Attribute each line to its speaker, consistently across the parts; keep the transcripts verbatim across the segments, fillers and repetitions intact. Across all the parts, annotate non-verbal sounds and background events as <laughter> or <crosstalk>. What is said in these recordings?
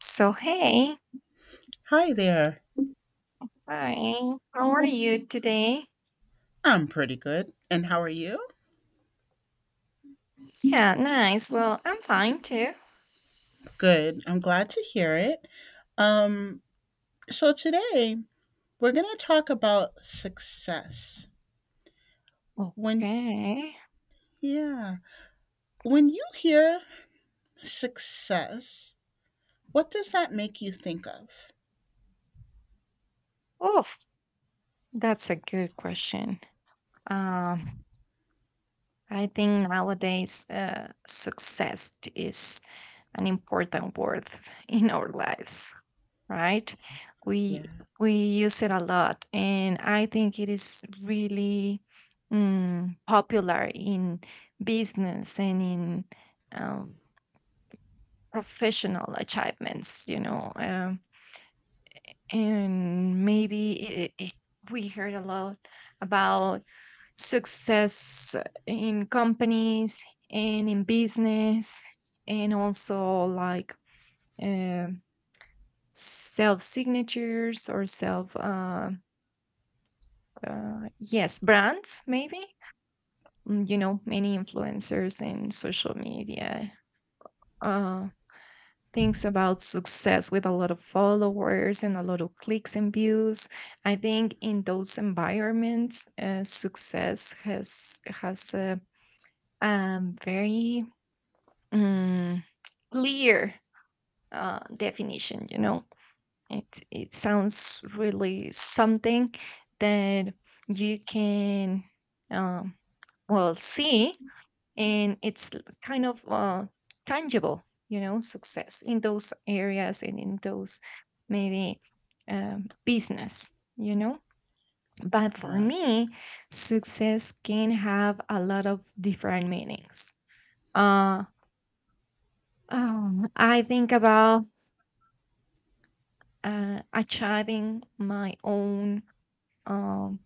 Speaker 1: So, hey,
Speaker 2: Hi there.
Speaker 1: hi, how are you today?
Speaker 2: I'm pretty good. And how are you?
Speaker 1: Yeah, nice. Well, I'm fine too.
Speaker 2: Good. I'm glad to hear it. Um, so today we're going to talk about success. When
Speaker 1: Okay.
Speaker 2: yeah, when you hear success, what does that make you think of?
Speaker 1: Oof, that's a good question. Um, I think nowadays, uh, success is an important word <laughs> in our lives, right? We
Speaker 2: Yeah.
Speaker 1: we use it a lot, and I think it is really mm, popular in business and in um, professional achievements you know um, and maybe it, it, we heard a lot about success in companies and in business, and also like um self signatures, or self uh, uh, yes, brands maybe. Mm, you know many influencers in social media Uh, thinks about success with a lot of followers and a lot of clicks and views. I think in those environments, uh, success has has a um, very um, clear uh, definition. You know, it it sounds really something that you can, um, well, see, and it's l- kind of uh, tangible, you know, success in those areas, and in those maybe um, business, you know. But for
Speaker 2: Yeah.
Speaker 1: me success can have a lot of different meanings. uh, um, I think about uh, achieving my own um,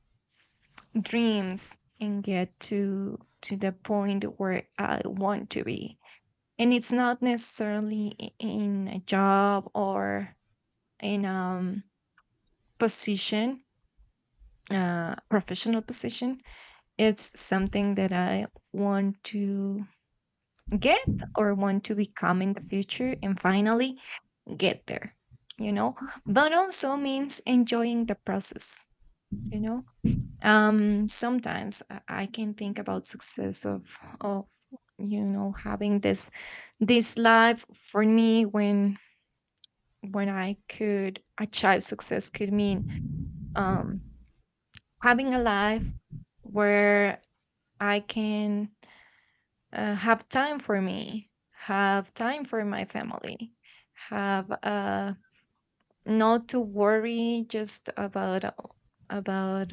Speaker 1: dreams and get to to the point where I want to be, and it's not necessarily i- in a job, or in um position, uh professional position. It's something that I want to get or want to become in the future and finally get there, you know. But also means enjoying the process, you know. Um sometimes i I can think about success of of you know having this this life for me, when when I could achieve success, could mean um, having a life where I can uh, have time for me, have time for my family, have, uh, not to worry just about about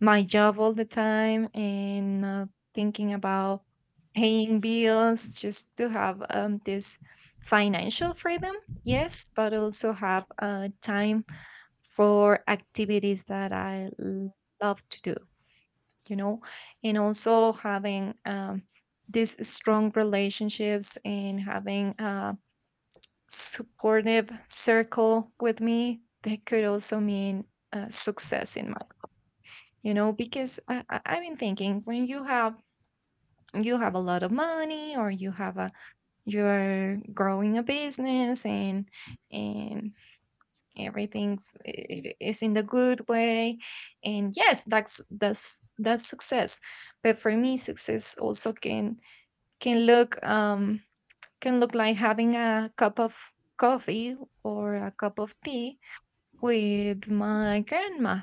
Speaker 1: my job all the time, and not thinking about paying bills, just to have um, this financial freedom, yes, but also have uh, time for activities that I l- love to do, you know, and also having um, these strong relationships and having a supportive circle with me, that could also mean uh, success in my life, you know, because I, I, I've been thinking, when you have you have a lot of money, or you have a you're growing a business, and and everything's, it is in the good way, and yes, that's that's that's success. But for me success also can can look um can look like having a cup of coffee or a cup of tea with my grandma,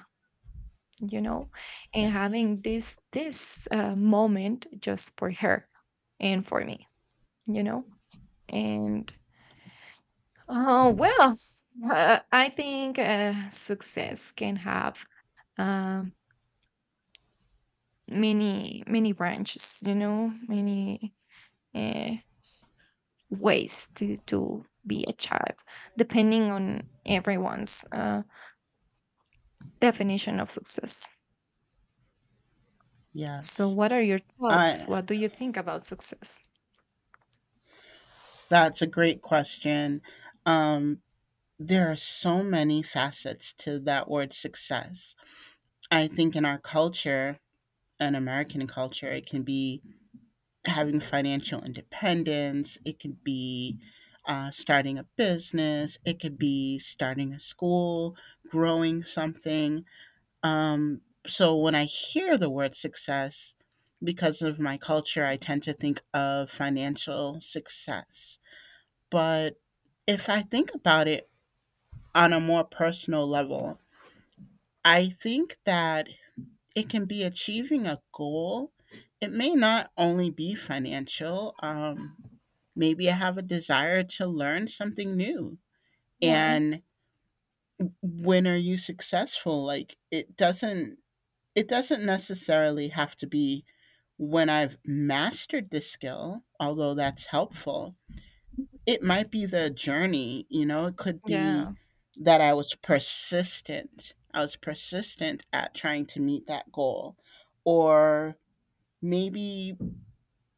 Speaker 1: you know. And
Speaker 2: Yes.
Speaker 1: having this this uh, moment just for her and for me, you know. And, oh well, uh, I think uh, success can have uh, many many branches, you know, many uh, ways to to be a child, depending on everyone's uh, definition of success. So
Speaker 2: Yes.
Speaker 1: what are your
Speaker 2: I
Speaker 1: thoughts? What do you think about success?
Speaker 2: that's a great question. Um there are so many facets to that word success. I think in our culture, an American culture, it can be having financial independence. It could be uh, starting a business. It could be starting a school, growing something. Um, so when I hear the word success, because of my culture, I tend to think of financial success. But if I think about it on a more personal level, I think that it can be achieving a goal. It may not only be financial. Um, maybe I have a desire to learn something new.
Speaker 1: Yeah,
Speaker 2: And when are you successful? Like it doesn't it doesn't necessarily have to be when I've mastered the skill, although that's helpful. It might be the journey, you know, it could be
Speaker 1: yeah,
Speaker 2: that I was persistent. I was persistent at trying to meet that goal, or maybe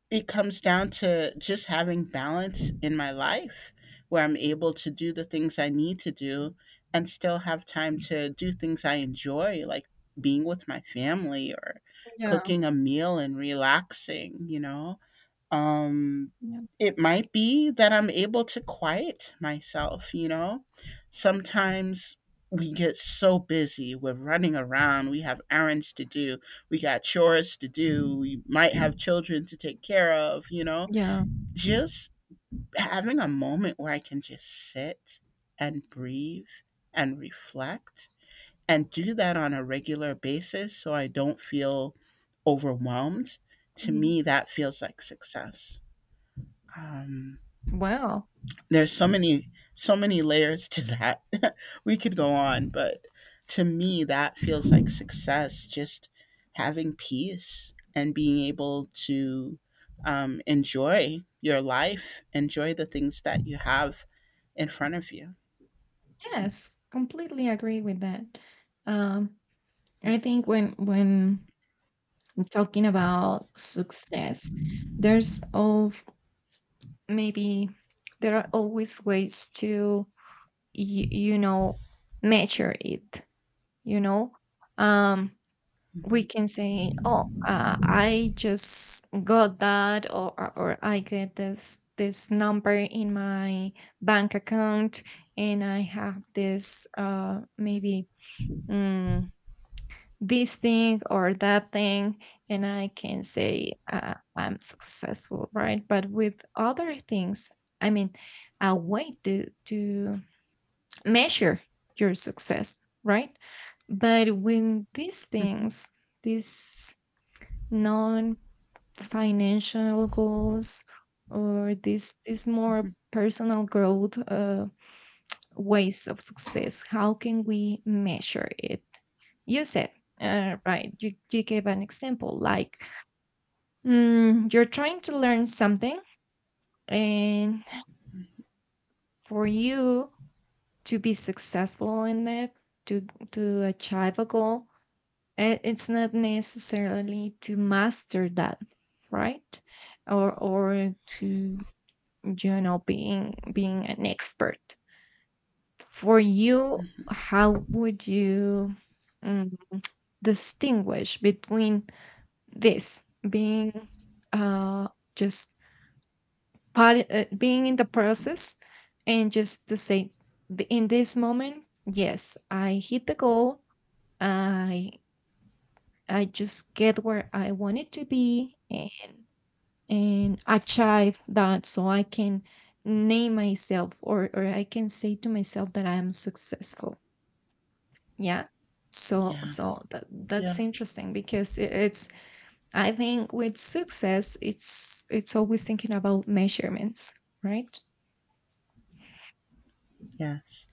Speaker 2: it comes down to just having balance in my life where I'm able to do the things I need to do and still have time to do things I enjoy, like being with my family or
Speaker 1: yeah,
Speaker 2: cooking a meal and relaxing, you know? um
Speaker 1: yeah,
Speaker 2: it might be that I'm able to quiet myself, you know. Sometimes we get so busy, we're running around, we have errands to do, we got chores to do, we might have children to take care of, you know.
Speaker 1: yeah.
Speaker 2: Just having a moment where I can just sit and breathe and reflect and do that on a regular basis so I don't feel overwhelmed, to
Speaker 1: Mhm.
Speaker 2: me that feels like success. um,
Speaker 1: Well,
Speaker 2: there's so many so many layers to that. <laughs> We could go on, but to me that feels like success. Just having peace and being able to um, enjoy your life, enjoy the things that you have in front of you.
Speaker 1: yes, completely agree with that. um I think when when I'm talking about success, there's all, maybe there are always ways to, y- you know, measure it, you know. um we
Speaker 2: Mhm.
Speaker 1: can say, oh, uh, I just got that, or or or I get this this number in my bank account, and I have this uh maybe, mm, this thing or that thing, and I can say, uh, I'm successful, right? But with other things, I mean, a way to to measure your success, right? But when these things, these financial goals, or this this more
Speaker 2: <laughs>
Speaker 1: personal growth, uh, ways of success, how can we measure it? You said, uh, right, you, you gave an example like, mm, you're trying to learn something, and for you to be successful in it, to to achieve a goal, i- it's not necessarily to master that, right? Or or to, you know, being being an expert. For you, how would you, mm, distinguish between this being, uh just part, uh, being in the process, and just to say, "Th- in this moment, yes, I hit the goal, i I just get where I wanted to be, and and achieve that, so I can name myself, or or I can say to myself that I am successful." Yeah. So
Speaker 2: Yeah,
Speaker 1: so that that's
Speaker 2: yeah,
Speaker 1: interesting, because it, it's, I think with success it's it's always thinking about measurements, right?
Speaker 2: yes.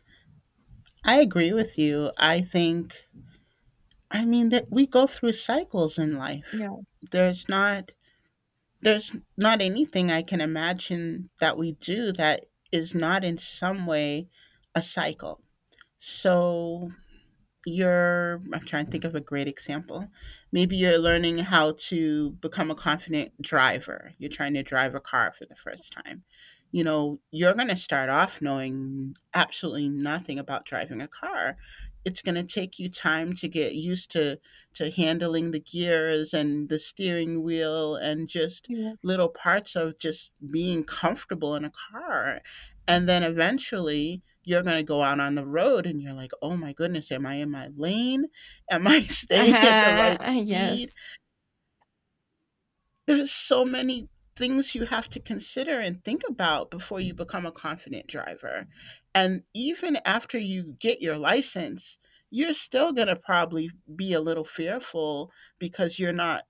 Speaker 2: I agree with you. I think, I mean, that we go through cycles in life.
Speaker 1: Yeah.
Speaker 2: There's not There's not anything I can imagine that we do that is not in some way a cycle. So you're I'm trying to think of a great example. Maybe you're learning how to become a confident driver, you're trying to drive a car for the first time. You know, you're going to start off knowing absolutely nothing about driving a car. It's going to take you time to get used to to handling the gears and the steering wheel, and just little
Speaker 1: Yes.
Speaker 2: parts of just being comfortable in a car. And then eventually you're going to go out on the road and you're like, oh my goodness, am I in my lane? Am I <laughs>
Speaker 1: <laughs>
Speaker 2: staying at the right
Speaker 1: uh
Speaker 2: speed?
Speaker 1: Yes.
Speaker 2: There's so many things you have to consider and think about before you become a confident driver. And even after you get your license, you're still going to probably be a little fearful because you're not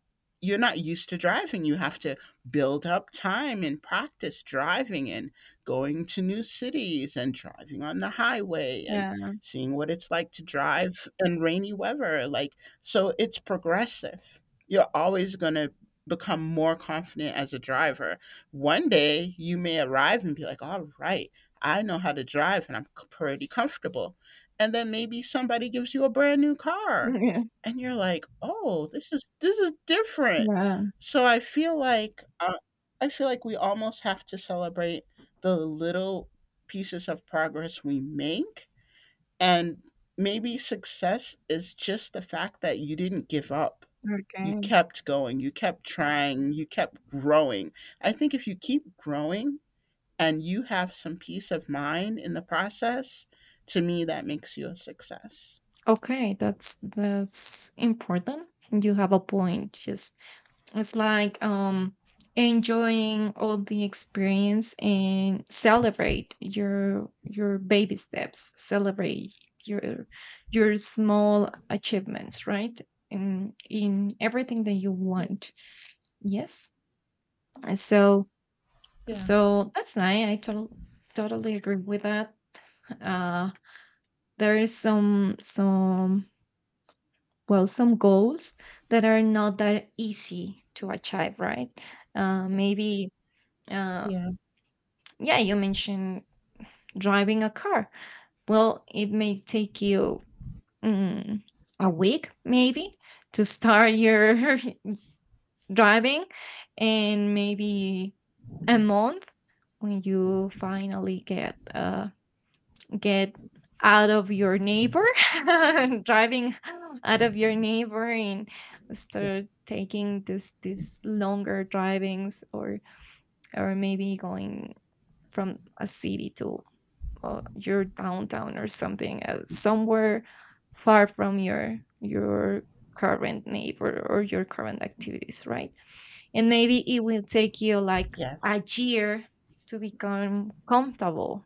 Speaker 2: you're not used to driving. You have to build up time and practice driving and going to new cities and driving on the highway and
Speaker 1: Yeah.
Speaker 2: seeing what it's like to drive in rainy weather. Like, so it's progressive. You're always going to become more confident as a driver. One day you may arrive and be like, all right, I know how to drive and I'm pretty comfortable. And then maybe somebody gives you a brand new car
Speaker 1: <laughs>
Speaker 2: and you're like, oh, this is this is different.
Speaker 1: Yeah. Yeah.
Speaker 2: So I feel like uh, I feel like we almost have to celebrate the little pieces of progress we make, and maybe success is just the fact that you didn't give up, you
Speaker 1: Okay.
Speaker 2: kept going, you kept trying, you kept growing. I think if you keep growing and you have some peace of mind in the process, to me, that makes you a success.
Speaker 1: Okay, that's that's important. You have a point. Just, it's like, um enjoying all the experience, and celebrate your your baby steps, celebrate your your small achievements, right? In in everything that you want. Yes. And, So
Speaker 2: Yeah,
Speaker 1: so that's nice. I total, totally agree with that. Uh there is some some well, some goals that are not that easy to achieve, right? Uh maybe, uh
Speaker 2: yeah,
Speaker 1: yeah, you mentioned driving a car. Well, it may take you, mm, a week maybe, to start your <laughs> driving, and maybe a
Speaker 2: yeah,
Speaker 1: month when you finally get uh, get out of your neighbor, <laughs> driving out of your neighbor, and
Speaker 2: yeah.
Speaker 1: start taking this these longer drivings, or or maybe going from a city to, uh, your downtown or something, uh, somewhere far from your your current neighbor or your current activities, right? And maybe it will take you like
Speaker 2: Yes,
Speaker 1: a year to become comfortable,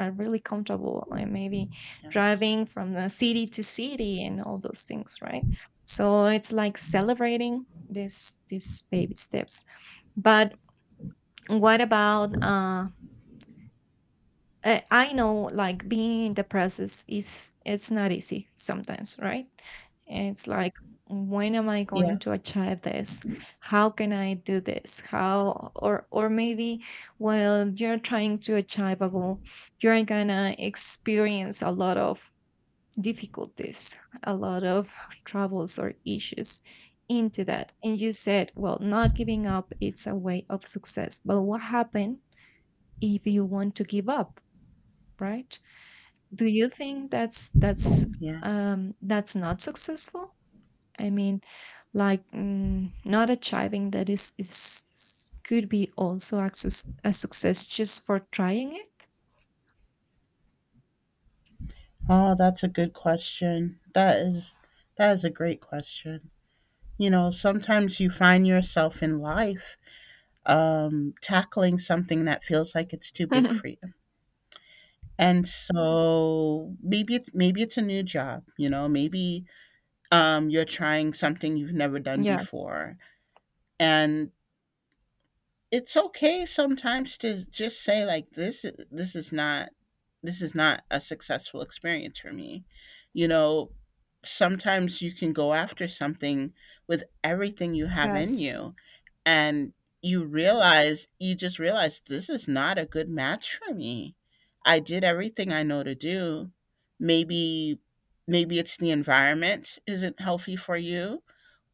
Speaker 1: uh, really comfortable, and maybe
Speaker 2: yes,
Speaker 1: driving from the city to city and all those things, right? So it's like celebrating this these baby steps. But what about, uh uh, I know, like, being in the process, is it's not easy sometimes, right? It's like, when am I
Speaker 2: yeah,
Speaker 1: going to achieve this? How can I do this? How or or maybe while you're trying to achieve a goal, you're gonna experience a lot of difficulties, a lot of troubles or issues into that. And you said, well, not giving up, it's a way of success. But what happened if you want to give up, right? Do you think that's that's
Speaker 2: yeah.
Speaker 1: um that's not successful? I mean, like, mm, not achieving that is is is- could be also a, suc- a success just for trying it.
Speaker 2: Oh, that's a good question. That is, that is a great question. You know, sometimes you find yourself in life um, tackling something that feels like it's too big for
Speaker 1: <laughs>
Speaker 2: you. And so maybe it, maybe it's a new job, you know. Maybe um, you're trying something you've never done
Speaker 1: Yes.
Speaker 2: before. And it's okay sometimes to just say, like, this this is not this is not a successful experience for me, you know. Sometimes you can go after something with everything you have in
Speaker 1: Yes.
Speaker 2: you, and you realize you just realize this is not a good match for me. I did everything I know to do. Maybe maybe it's the environment isn't healthy for you,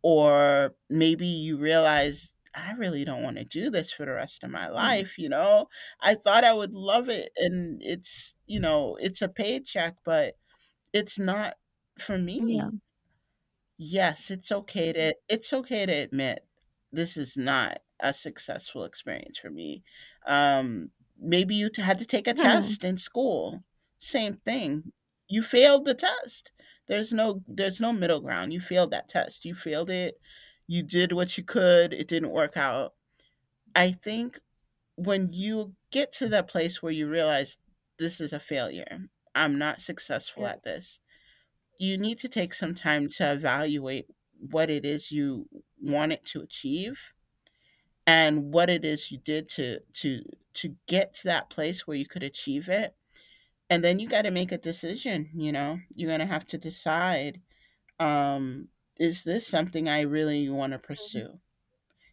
Speaker 2: or maybe you realize I really don't want to do this for the rest of my life,
Speaker 1: Yes.
Speaker 2: you know? I thought I would love it and it's, you know, it's a paycheck, but it's not for
Speaker 1: Yeah.
Speaker 2: me. Yes, it's okay to it's okay to admit this is not a successful experience for me. Um, maybe you t- had to take a
Speaker 1: <laughs> Mhm.
Speaker 2: test in school. Same thing. You failed the test. There's no there's no middle ground. You failed that test. You failed it. You did what you could. It didn't work out. I think when you get to that place where you realize this is a failure, I'm not successful at
Speaker 1: Yes.
Speaker 2: this, you need to take some time to evaluate what it is you wanted to achieve and what it is you did to to to get to that place where you could achieve it. And then you got to make a decision, you know, you're going to have to decide um is this something I really want to
Speaker 1: Mhm.
Speaker 2: pursue.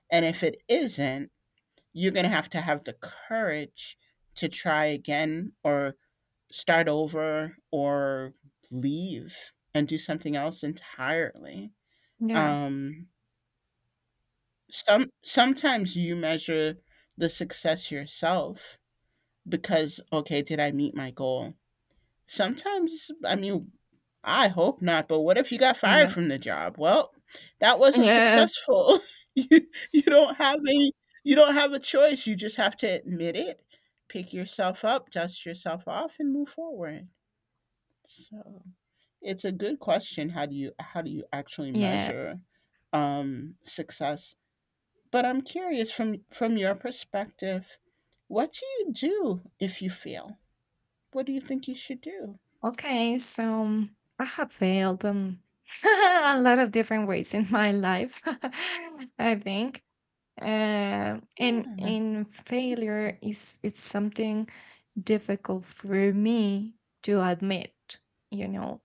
Speaker 2: And if it isn't, you're going to have to have the courage to try again or start over or leave and do something else entirely.
Speaker 1: Yeah.
Speaker 2: Um, some sometimes you measure the success yourself, because okay, did I meet my goal? Sometimes, I mean, I hope not, but what if you got fired from the
Speaker 1: Yes.
Speaker 2: job? Well, that wasn't
Speaker 1: Yes.
Speaker 2: successful. <laughs> You you don't have any, you don't have a choice. You just have to admit it, pick yourself up, dust yourself off and move forward. So, it's a good question. How do you how do you actually
Speaker 1: Yes.
Speaker 2: measure um success. But I'm curious, from from your perspective, what do you do if you fail? What do you think you should do?
Speaker 1: Okay. So um, I have failed, um, <laughs> a lot of different ways in my life, <laughs> I think. uh, and and failure is it's something difficult for me to admit, you know.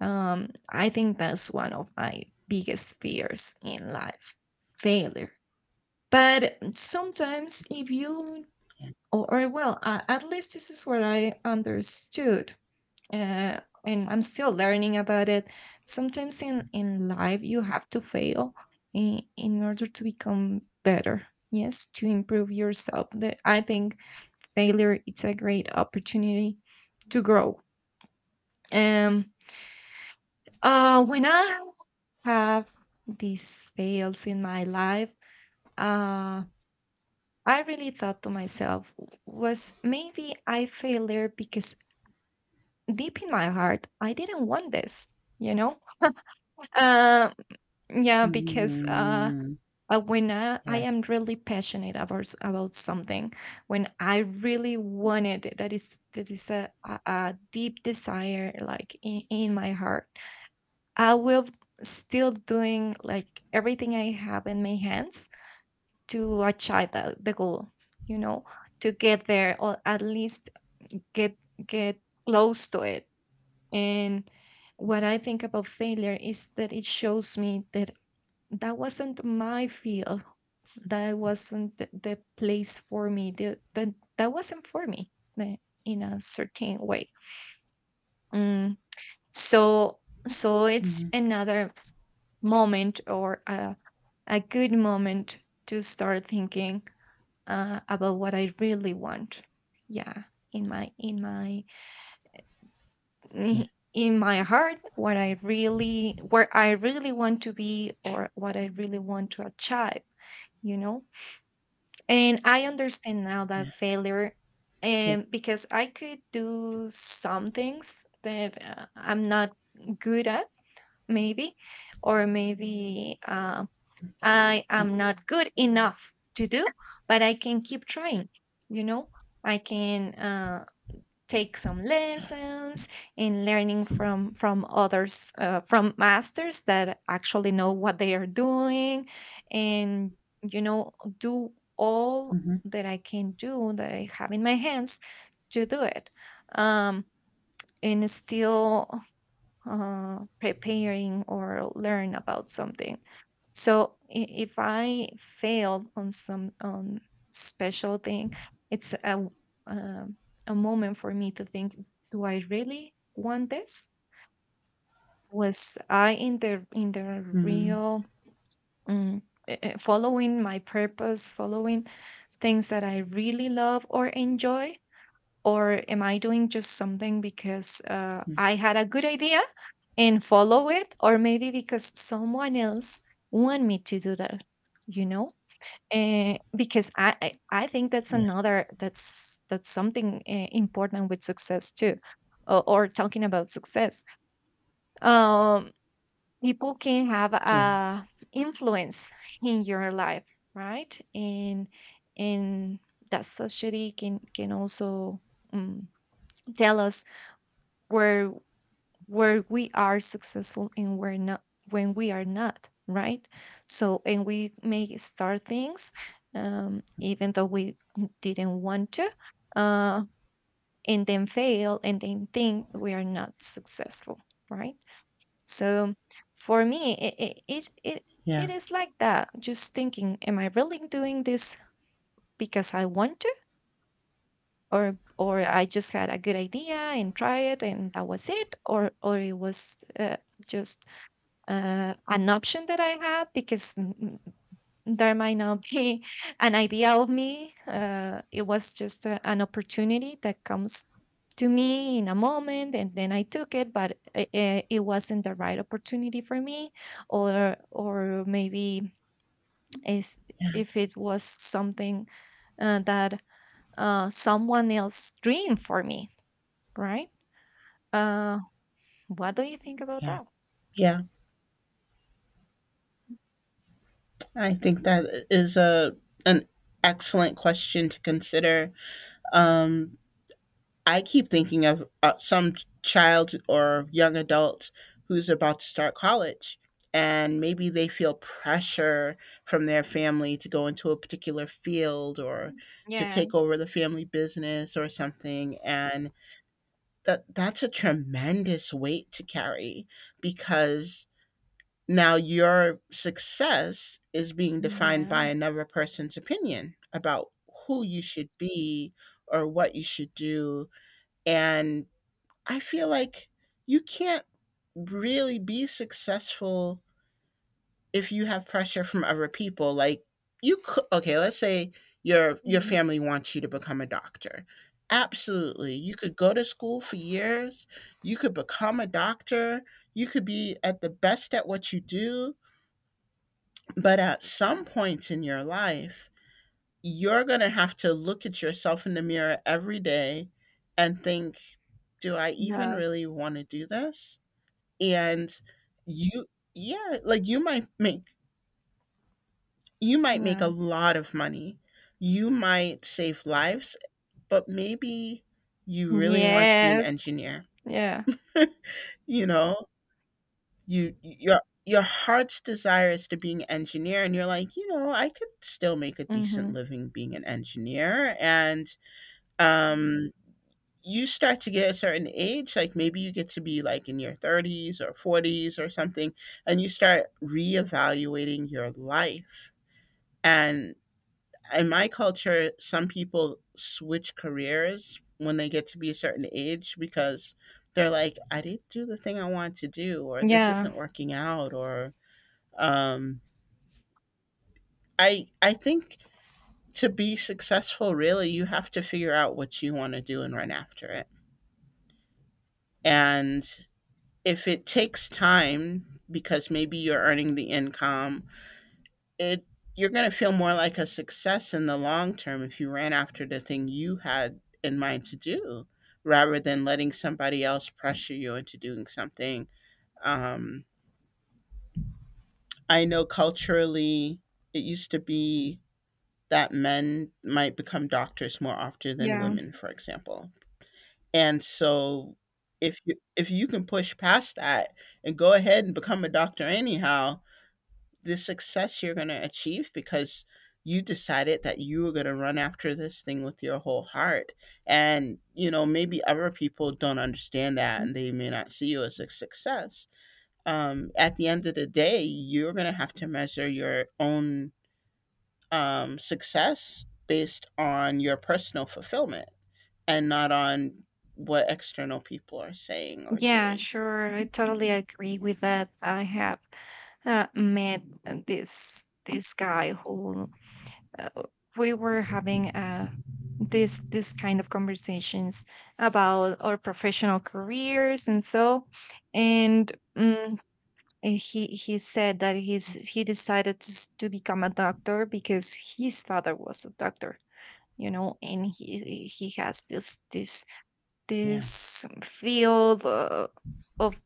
Speaker 1: um, I think that's one of my biggest fears in life, failure. But sometimes if you, or, or well, uh, at least this is what I understood, uh, and I'm still learning about it. Sometimes in in life you have to fail in, in order to become better. Yes, to improve yourself. That I think failure, it's a great opportunity to grow. Um. Uh. When I have these fails in my life, uh, I really thought to myself, was, maybe I failed there because deep in my heart I didn't want this. You know, uh, yeah, because, uh,
Speaker 2: Mm,
Speaker 1: uh, when I, I
Speaker 2: yeah.
Speaker 1: am really passionate about s- about something, when I really wanted it, that is that is a, a a deep desire, like in, in my heart, I will still doing like everything I have in my hands to achieve the, the goal, you know, to get there, or at least get get close to it. And what I think about failure is that it shows me that that wasn't my field. That wasn't the, the place for me. The, the, that wasn't for me the- in a certain way. Mm, So, so it's
Speaker 2: Mhm.
Speaker 1: another moment, or a, a good moment to start thinking uh, about what I really want. Yeah, in my in my
Speaker 2: Yeah.
Speaker 1: <laughs> in my heart, what I really, where I really want to be, or what I really want to achieve. You know. And I understand now that
Speaker 2: Yeah.
Speaker 1: failure,
Speaker 2: Yeah.
Speaker 1: and because I could do some things that uh, I'm not good at, maybe, or maybe uh, I am not good enough to do, but I can keep trying. You know, I can. Uh, take some lessons in learning from from others, uh, from masters that actually know what they are doing, and, you know, do all that I can do, that I have in my hands to do it, um and still uh, preparing or learn about something. So i- if I failed on some, on special thing, it's a w- um a moment for me to think: Do I really want this? Was I in the in the real, mm, eh, eh, following my purpose, following things that I really love or enjoy? Or am I doing just something because uh,
Speaker 2: Mm,
Speaker 1: I had a good idea and follow it, or maybe because someone else want me to do that, you know? Uh, because I, I I think that's
Speaker 2: yeah.
Speaker 1: another that's that's something uh, important with success too, or, or talking about success. Um, People can have
Speaker 2: Yeah.
Speaker 1: a influence in your life, right? And and that society can can also um, tell us where where we are successful and we're not when we are not, right? So and we may start things, um, even though we didn't want to, uh, and then fail and then think we are not successful, right? So for me it it, it, it it
Speaker 2: Yeah.
Speaker 1: is like that, just thinking, am I really doing this because I want to, or or I just had a good idea and try it and that was it? Or or it was uh, just uh, an option that I have because n- n- there might not be <laughs> an idea of me. Uh, it was just a, an opportunity that comes to me in a moment, and then I took it, but it, it wasn't the right opportunity for me, or or maybe is,
Speaker 2: Yeah.
Speaker 1: if it was something uh, that uh, someone else dreamed for me, right? Uh, what do you think about
Speaker 2: Yeah.
Speaker 1: that?
Speaker 2: Yeah. I think that is a an excellent question to consider. Um, I keep thinking of uh, some child or young adult who's about to start college, and maybe they feel pressure from their family to go into a particular field or to take
Speaker 1: Yes.
Speaker 2: over the family business or something. And that that's a tremendous weight to carry because now your success is being defined by
Speaker 1: Yeah.
Speaker 2: another person's opinion about who you should be or what you should do. And I feel like you can't really be successful if you have pressure from other people. Like, you could, okay, let's say your your
Speaker 1: Mhm.
Speaker 2: family wants you to become a doctor. Absolutely. You could go to school for years, you could become a doctor, you could be at the best at what you do, but at some points in your life, you're going to have to look at yourself in the mirror every day and think, do I even really
Speaker 1: Yes.
Speaker 2: want to do this? And you yeah, like you might make you might make a
Speaker 1: Yeah.
Speaker 2: lot of money, you might save lives, but maybe you really want to be an
Speaker 1: Yes.
Speaker 2: engineer.
Speaker 1: Yeah.
Speaker 2: <laughs> You know, you your your heart's desire is to be an engineer, and you're like, you know, I could still make a decent
Speaker 1: Mhm.
Speaker 2: living being an engineer. And um you start to get a certain age, like maybe you get to be like in your thirties or forties or something, and you start reevaluating your life. And in my culture, some people switch careers when they get to be a certain age because they're like, I didn't do the thing I want to do, or this
Speaker 1: Yeah.
Speaker 2: isn't working out, or um, I I think to be successful, really, you have to figure out what you want to do and run after it. And if it takes time because maybe you're earning the income, it you're going to feel more like a success in the long term if you ran after the thing you had in mind to do rather than letting somebody else pressure you into doing something. Um, I know culturally it used to be that men might become doctors more often than
Speaker 1: Yeah.
Speaker 2: women, for example. And so if you if you can push past that and go ahead and become a doctor anyhow, the success you're going to achieve because you decided that you were going to run after this thing with your whole heart. And you know maybe other people don't understand that
Speaker 1: Mhm.
Speaker 2: and they may not see you as a success. Um, at the end of the day you're going to have to measure your own um, success based on your personal fulfillment, and not on what external people are saying or
Speaker 1: Yeah,
Speaker 2: doing.
Speaker 1: sure, I totally agree
Speaker 2: Yeah,
Speaker 1: with that. I have uh, met uh, this this guy who, uh, we were having uh this this kind of conversations about our professional careers and so, and um, he he said that he's he decided to, s- to become a doctor because his father was a doctor, you know, and he he has this this
Speaker 2: yeah.
Speaker 1: this field uh, of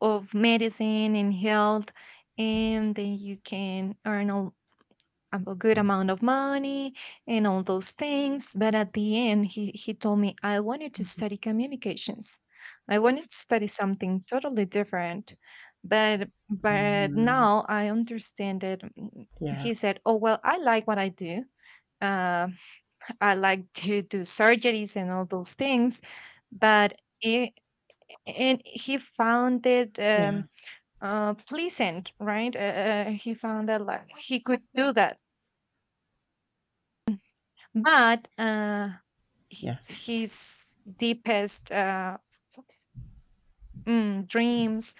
Speaker 1: of medicine and health, and then you can earn a, a good amount of money and all those things. But at the end he, he told me, I wanted to study communications, I wanted to study something totally different, but but
Speaker 2: Mhm.
Speaker 1: now I understand that, mm,
Speaker 2: Yeah,
Speaker 1: he said, oh well, I like what I do. Uh, I like to do surgeries and all those things. But it, and he found it
Speaker 2: yeah.
Speaker 1: um, uh, pleasant, right? Uh, uh, he found that like he could do that. But uh, h-
Speaker 2: Yes.
Speaker 1: his deepest uh, mm, dreams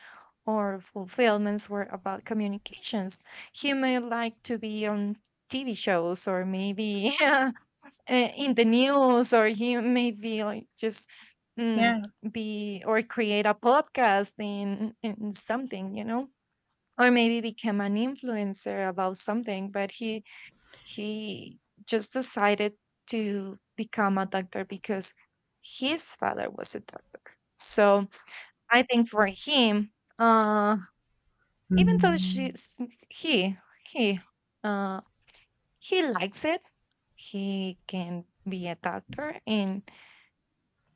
Speaker 1: or fulfillments were about communications. He may like to be on T V shows, or maybe <laughs> uh, in the news, or you maybe like just, mm,
Speaker 2: Yeah.
Speaker 1: be or create a podcast in in something, you know, or maybe become an influencer about something. But he he just decided to become a doctor because his father was a doctor. So I think for him, uh even though
Speaker 2: Mhm.
Speaker 1: she's he he uh he likes it, he can be a doctor, and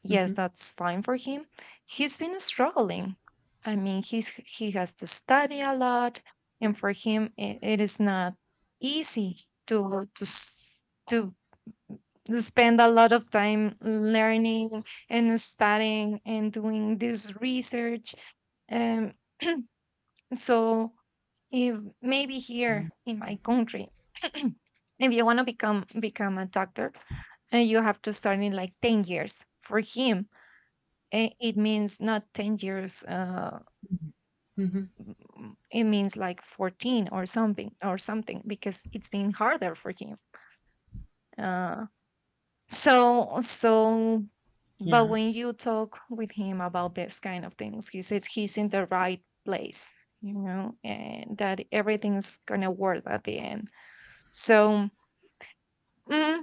Speaker 1: yes,
Speaker 2: Mhm.
Speaker 1: that's fine for him. He's been struggling. I mean, he's he has to study a lot, and for him, it, it is not easy to to s- to spend a lot of time learning and studying and doing this research. Um, so if maybe
Speaker 2: Mhm.
Speaker 1: here in my country, <clears throat> if you want to become become a doctor, and you have to start in like ten years. For him, Eh, it means not ten years, uh,
Speaker 2: Mhm.
Speaker 1: mm, it means like fourteen or something or something, because it's been harder for him. Uh, so, so, but
Speaker 2: Yeah.
Speaker 1: when you talk with him about this kind of things, he says he's in the right place, you know, and that everything's gonna work at the end. So, mm,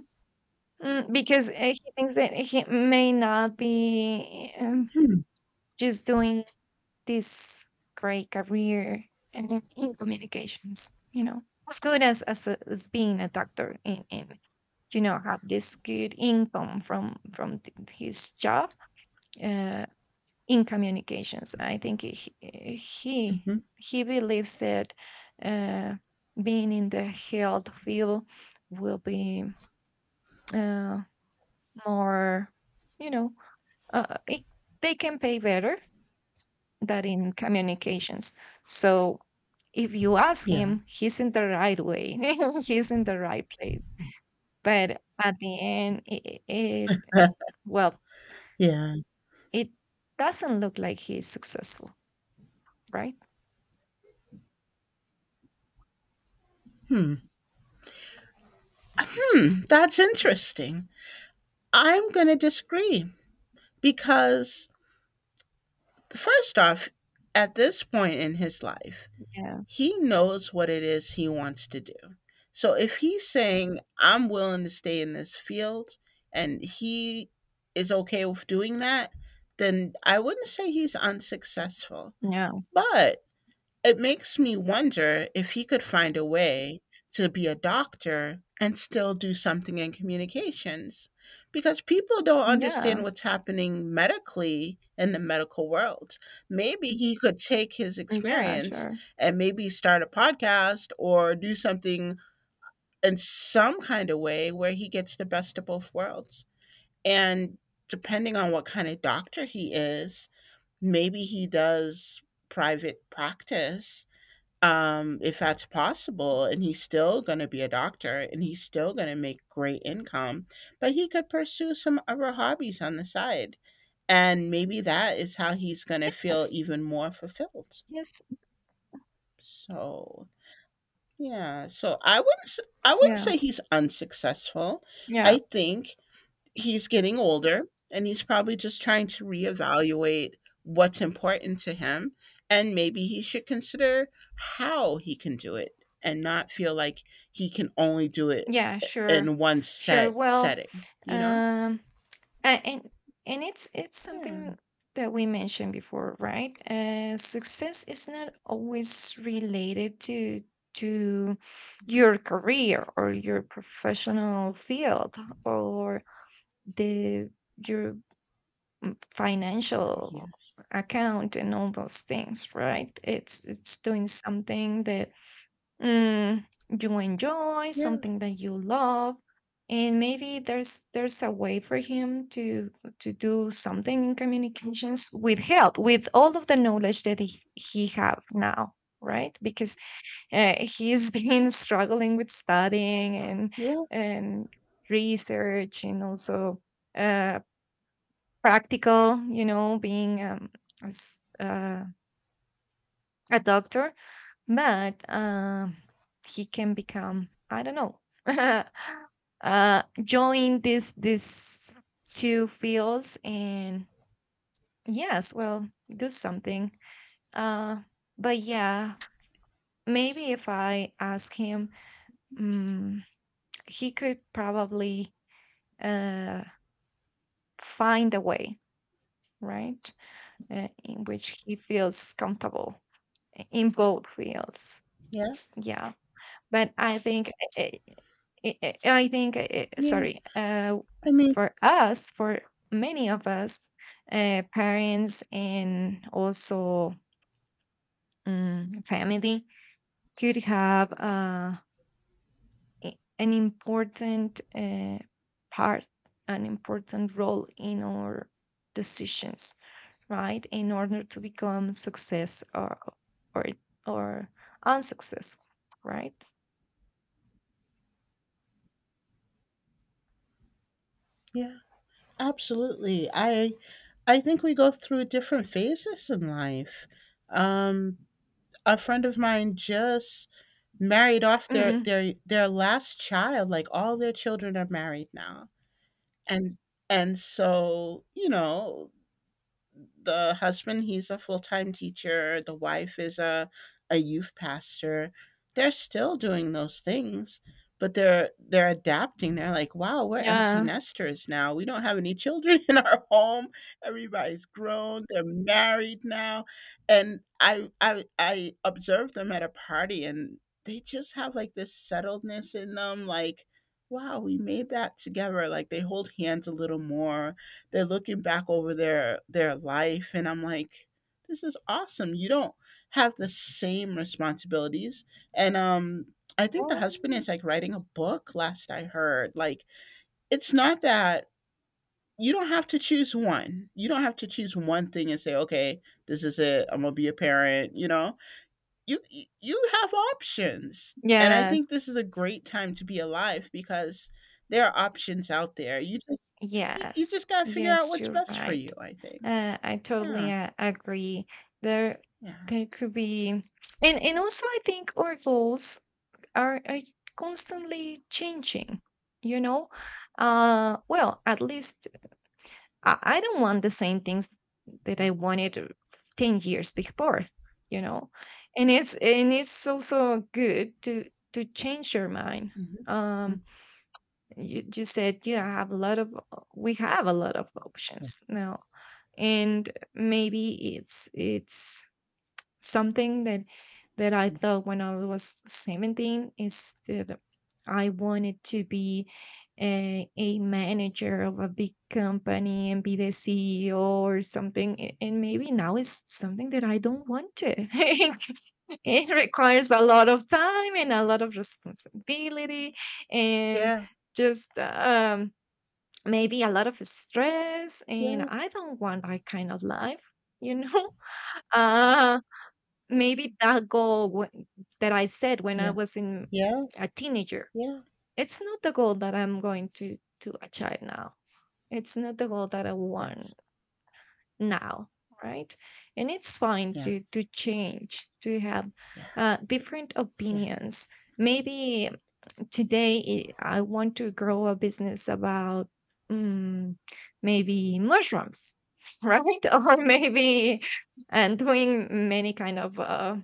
Speaker 1: mm, because uh, he thinks that he may not be um,
Speaker 2: Hmm.
Speaker 1: just doing this great career uh, in communications, you know, as good as as, a- as being a doctor, and, and you know, have this good income from from th- his job uh, in communications. I think he he,
Speaker 2: Mhm.
Speaker 1: he believes that uh, being in the health field will be uh, more, you know, uh, it, they can pay better that in communications. So if you ask
Speaker 2: Yeah.
Speaker 1: him, he's in the right way, <laughs> he's in the right place. But at the end, it, it
Speaker 2: Uh,
Speaker 1: well,
Speaker 2: yeah.
Speaker 1: it doesn't look like he's successful, right?
Speaker 2: Hmm. Hmm. That's interesting. I'm going to disagree because, first off, at this point in his life,
Speaker 1: Yes.
Speaker 2: he knows what it is he wants to do. So if he's saying, I'm willing to stay in this field and he is okay with doing that, then I wouldn't say he's unsuccessful.
Speaker 1: Yeah.
Speaker 2: But it makes me wonder if he could find a way to be a doctor and still do something in communications, because people don't understand
Speaker 1: Yeah.
Speaker 2: what's happening medically in the medical world. Maybe he could take his
Speaker 1: Yeah.
Speaker 2: experience
Speaker 1: Sure.
Speaker 2: and maybe start a podcast or do something in some kind of way where he gets the best of both worlds. And depending on what kind of doctor he is, maybe he does private practice, um, if that's possible. And he's still going to be a doctor and he's still going to make great income, but he could pursue some other hobbies on the side. And maybe that is how he's going to feel
Speaker 1: Yes.
Speaker 2: even more fulfilled.
Speaker 1: Yes.
Speaker 2: So, yeah. So I wouldn't s- I wouldn't
Speaker 1: Yeah.
Speaker 2: say he's unsuccessful.
Speaker 1: Yeah.
Speaker 2: I think he's getting older and he's probably just trying to reevaluate what's important to him, and maybe he should consider how he can do it and not feel like he can only do it
Speaker 1: Yeah. Sure.
Speaker 2: in one
Speaker 1: Sure.
Speaker 2: set
Speaker 1: Well,
Speaker 2: setting, you know
Speaker 1: um, A- and and it's it's
Speaker 2: yeah.
Speaker 1: something that we mentioned before, right? Uh, success is not always related to to your career or your professional field, or the your mm, financial
Speaker 2: Yes.
Speaker 1: account and all those things, right? It's it's doing something that, mm, you enjoy,
Speaker 2: yeah,
Speaker 1: something that you love. And maybe there's there's a way for him to to do something in communications with health, with all of the knowledge that he, he have now, right? Because uh, he's <laughs> been struggling with studying and
Speaker 2: yeah,
Speaker 1: and research, and also uh, practical, you know, being um, as, uh, a doctor. But um, he can become, I don't know, <laughs> uh, join this this two fields and, yes, well, do something. Uh, but yeah, maybe if I ask him, mm he could probably uh, find a way, right? Uh, in which he feels comfortable eh, in both fields.
Speaker 2: yeah.
Speaker 1: Yeah. But I think I I I think uh,
Speaker 2: yeah
Speaker 1: sorry, uh,
Speaker 2: i mean
Speaker 1: for us, for many of us, uh, parents and also um, family could have uh, a- an important uh, part, an important role in our decisions, right? In order to become success or or or unsuccessful, right?
Speaker 2: yeah, absolutely. I i think we go through different phases in life. um a friend of mine just married off their
Speaker 1: Mhm.
Speaker 2: their their last child. Like, all their children are married now. And and so, you know, the husband, he's a full-time teacher, the wife is a a youth pastor. They're still doing those things, but they're they're adapting. They're like, wow, we're empty
Speaker 1: Yeah.
Speaker 2: nesters now, we don't have any children <laughs> in our home. Everybody's grown, they're married now. And i i i observed them at a party, and they just have like this settledness in them. Like, wow, we made that together. Like, they hold hands a little more, they're looking back over their their life, and I'm like, this is awesome. You don't have the same responsibilities. And um I think the husband is like writing a book, last I heard. Like, it's not that you don't have to choose one. You don't have to choose one thing and say, okay, this is it, I'm gonna be a parent, you know. You you- have options. And I
Speaker 1: Yes,
Speaker 2: think this is a great time to be alive because there are options out there. You just you, you
Speaker 1: yes,
Speaker 2: just got to figure out
Speaker 1: yes,
Speaker 2: what's
Speaker 1: you're
Speaker 2: best for you,
Speaker 1: right.
Speaker 2: I think.
Speaker 1: Uh, I totally
Speaker 2: Yeah.
Speaker 1: uh, agree. There,
Speaker 2: Yeah.
Speaker 1: there could be, and and also I think our goals are, are constantly changing. You know, uh, well, at least I, I don't want the same things that I wanted uh, ten years before. You know, and it's and it's also good to to change your mind.
Speaker 2: Mhm.
Speaker 1: Um.
Speaker 2: Mm.
Speaker 1: you, you said you have a lot of we have a lot of options now, and maybe it's it's something that that I thought when I was seventeen, is that I wanted to be a, a manager of a big company and be the CEO or something, a- and maybe now it's something that I don't want to. <laughs> It requires a lot of time and a lot of responsibility, and
Speaker 2: Yeah,
Speaker 1: just um maybe a lot of stress, and
Speaker 2: yeah,
Speaker 1: I don't want that kind of life, you know. <laughs> uh Maybe that goal wh- that I said when I
Speaker 2: yeah,
Speaker 1: was in
Speaker 2: yeah, yeah,
Speaker 1: a teenager,
Speaker 2: yeah,
Speaker 1: it's not the goal that I'm going to to achieve now, it's not the goal that I want
Speaker 2: yes,
Speaker 1: now, right? And it's fine
Speaker 2: yeah,
Speaker 1: to to change, to have
Speaker 2: yeah,
Speaker 1: uh, different
Speaker 2: yeah,
Speaker 1: opinions. Maybe today i I want to grow a business about, mm, maybe mushrooms, <laughs> right? Or maybe, and doing many kind of uh,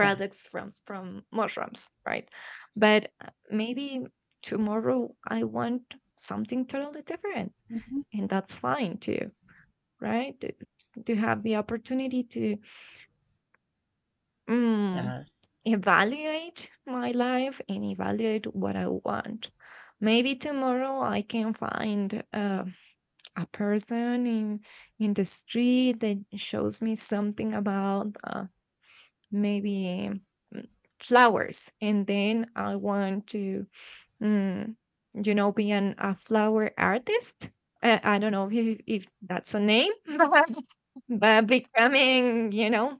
Speaker 2: yeah.
Speaker 1: from from mushrooms, right? But uh, maybe tomorrow I want something totally different,
Speaker 2: Hmm.
Speaker 1: and that's fine too, right? to, to have the opportunity to, Mm,
Speaker 2: Yes.
Speaker 1: evaluate my life and evaluate what I want. Maybe tomorrow I can find uh, a person in in the street that shows me something about, uh, maybe, mm, flowers, and then I want to, mm, you know, be an, a flower artist. Uh, I don't know if, if that's a name, <laughs> but but becoming, you know,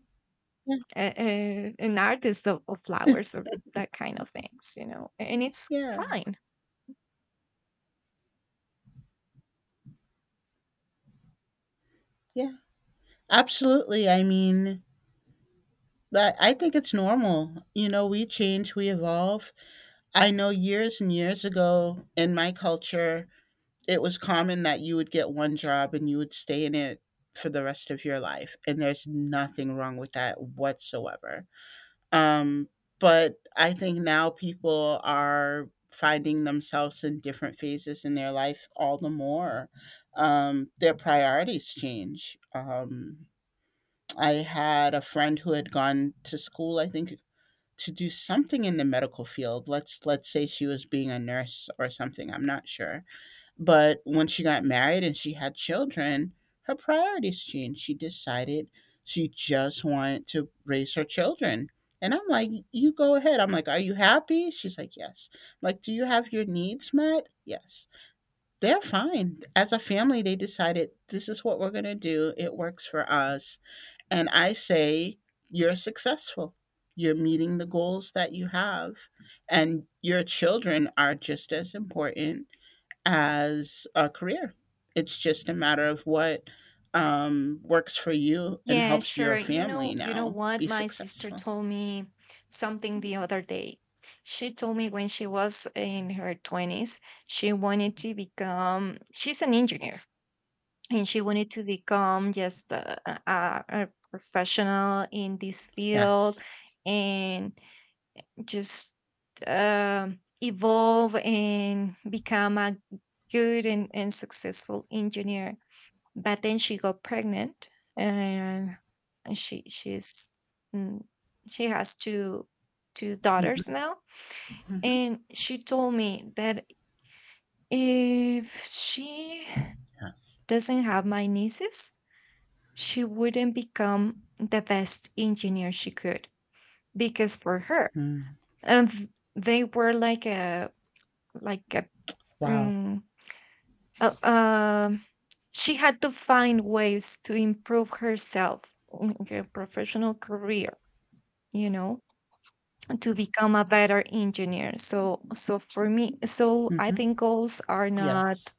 Speaker 2: Yeah,
Speaker 1: a- a- an artist of, of flowers or that kind of things, you know, and it's
Speaker 2: yeah,
Speaker 1: fine.
Speaker 2: yeah, absolutely. I mean but I think it's normal, you know, we change, we evolve. I know years and years ago in my culture, it was common that you would get one job and you would stay in it for the rest of your life. And there's nothing wrong with that whatsoever. Um, but I think now people are finding themselves in different phases in their life all the more. Um, their priorities change. Um, I had a friend who had gone to school, I think, to do something in the medical field. Let's let's say she was being a nurse or something. I'm not sure. But when she got married and she had children, her priorities changed. She decided she just wanted to raise her children. And I'm like, you go ahead. I'm like, are you happy? She's like, yes. I'm like, do you have your needs met? Yes. They're fine. As a family, they decided, this is what we're going to do. It works for us. And I say, you're successful. You're meeting the goals that you have. And your children are just as important as a career. It's just a matter of what um, works for you and
Speaker 1: Yeah,
Speaker 2: helps
Speaker 1: sure.
Speaker 2: your
Speaker 1: You
Speaker 2: family
Speaker 1: know, you know
Speaker 2: now
Speaker 1: what?
Speaker 2: be
Speaker 1: My sister
Speaker 2: successful.
Speaker 1: told me something the other day. She told me when she was in her twenties, she wanted to become, she's an engineer, and she wanted to become just a, a, a professional in this
Speaker 2: Yes.
Speaker 1: field, and just um evolve and become a good and, and successful engineer. But then she got pregnant, and she she's mm, she has two two
Speaker 2: Mhm,
Speaker 1: daughters now,
Speaker 2: mhm.
Speaker 1: and she told me that if she
Speaker 2: Yes.
Speaker 1: doesn't have my nieces, she wouldn't become the best engineer she could, because for her,
Speaker 2: Mm.
Speaker 1: um, they were like a like a
Speaker 2: Wow.
Speaker 1: mm, uh, um, she had to find ways to improve herself in her professional career, you know, to become a better engineer. So so for me, so I
Speaker 2: Hmm.
Speaker 1: think goals are not
Speaker 2: Yes.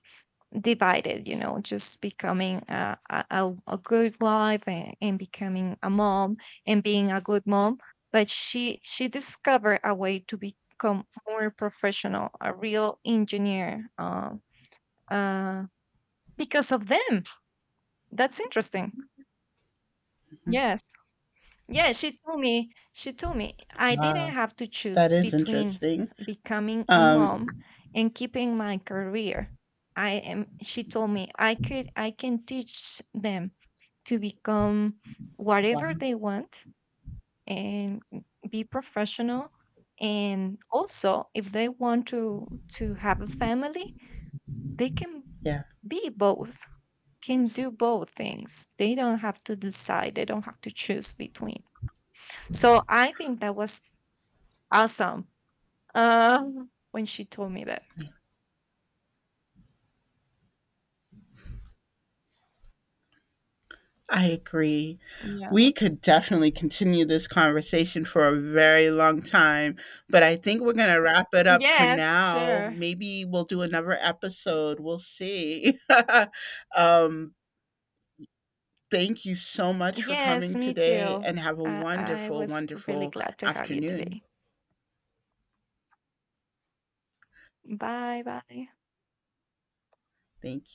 Speaker 1: divided, you know, just becoming a, a, a a good life and, and becoming a mom, and being a good mom. But she she discovered a way to become more professional, a real engineer, uh, uh, because of them. That's interesting.
Speaker 2: Mm-hmm.
Speaker 1: Yes. Yeah, she told me, she told me I didn't
Speaker 2: Wow.
Speaker 1: have to
Speaker 2: That
Speaker 1: choose
Speaker 2: is
Speaker 1: between
Speaker 2: interesting.
Speaker 1: becoming a
Speaker 2: Um,
Speaker 1: mom and keeping my career. I am, she told me I could, I can teach them to become
Speaker 2: wow.
Speaker 1: whatever they want and be professional. And also, if they want to to have a family, they can
Speaker 2: Yeah.
Speaker 1: be both, can do both things. They don't have to decide, they don't have to choose between. So I think that was awesome, Um, when she told me that.
Speaker 2: I agree. We
Speaker 1: Yeah.
Speaker 2: could definitely continue this conversation for a very long time, but I think we're going to wrap it up for
Speaker 1: Yes,
Speaker 2: now.
Speaker 1: sure.
Speaker 2: Maybe we'll do another episode. We'll see. <laughs> um, Thank you so much for coming
Speaker 1: Yes, me
Speaker 2: today,
Speaker 1: too.
Speaker 2: and have a
Speaker 1: Uh, I
Speaker 2: wonderful,
Speaker 1: was really
Speaker 2: wonderful
Speaker 1: glad to have you
Speaker 2: afternoon.
Speaker 1: today. Bye bye.
Speaker 2: Thank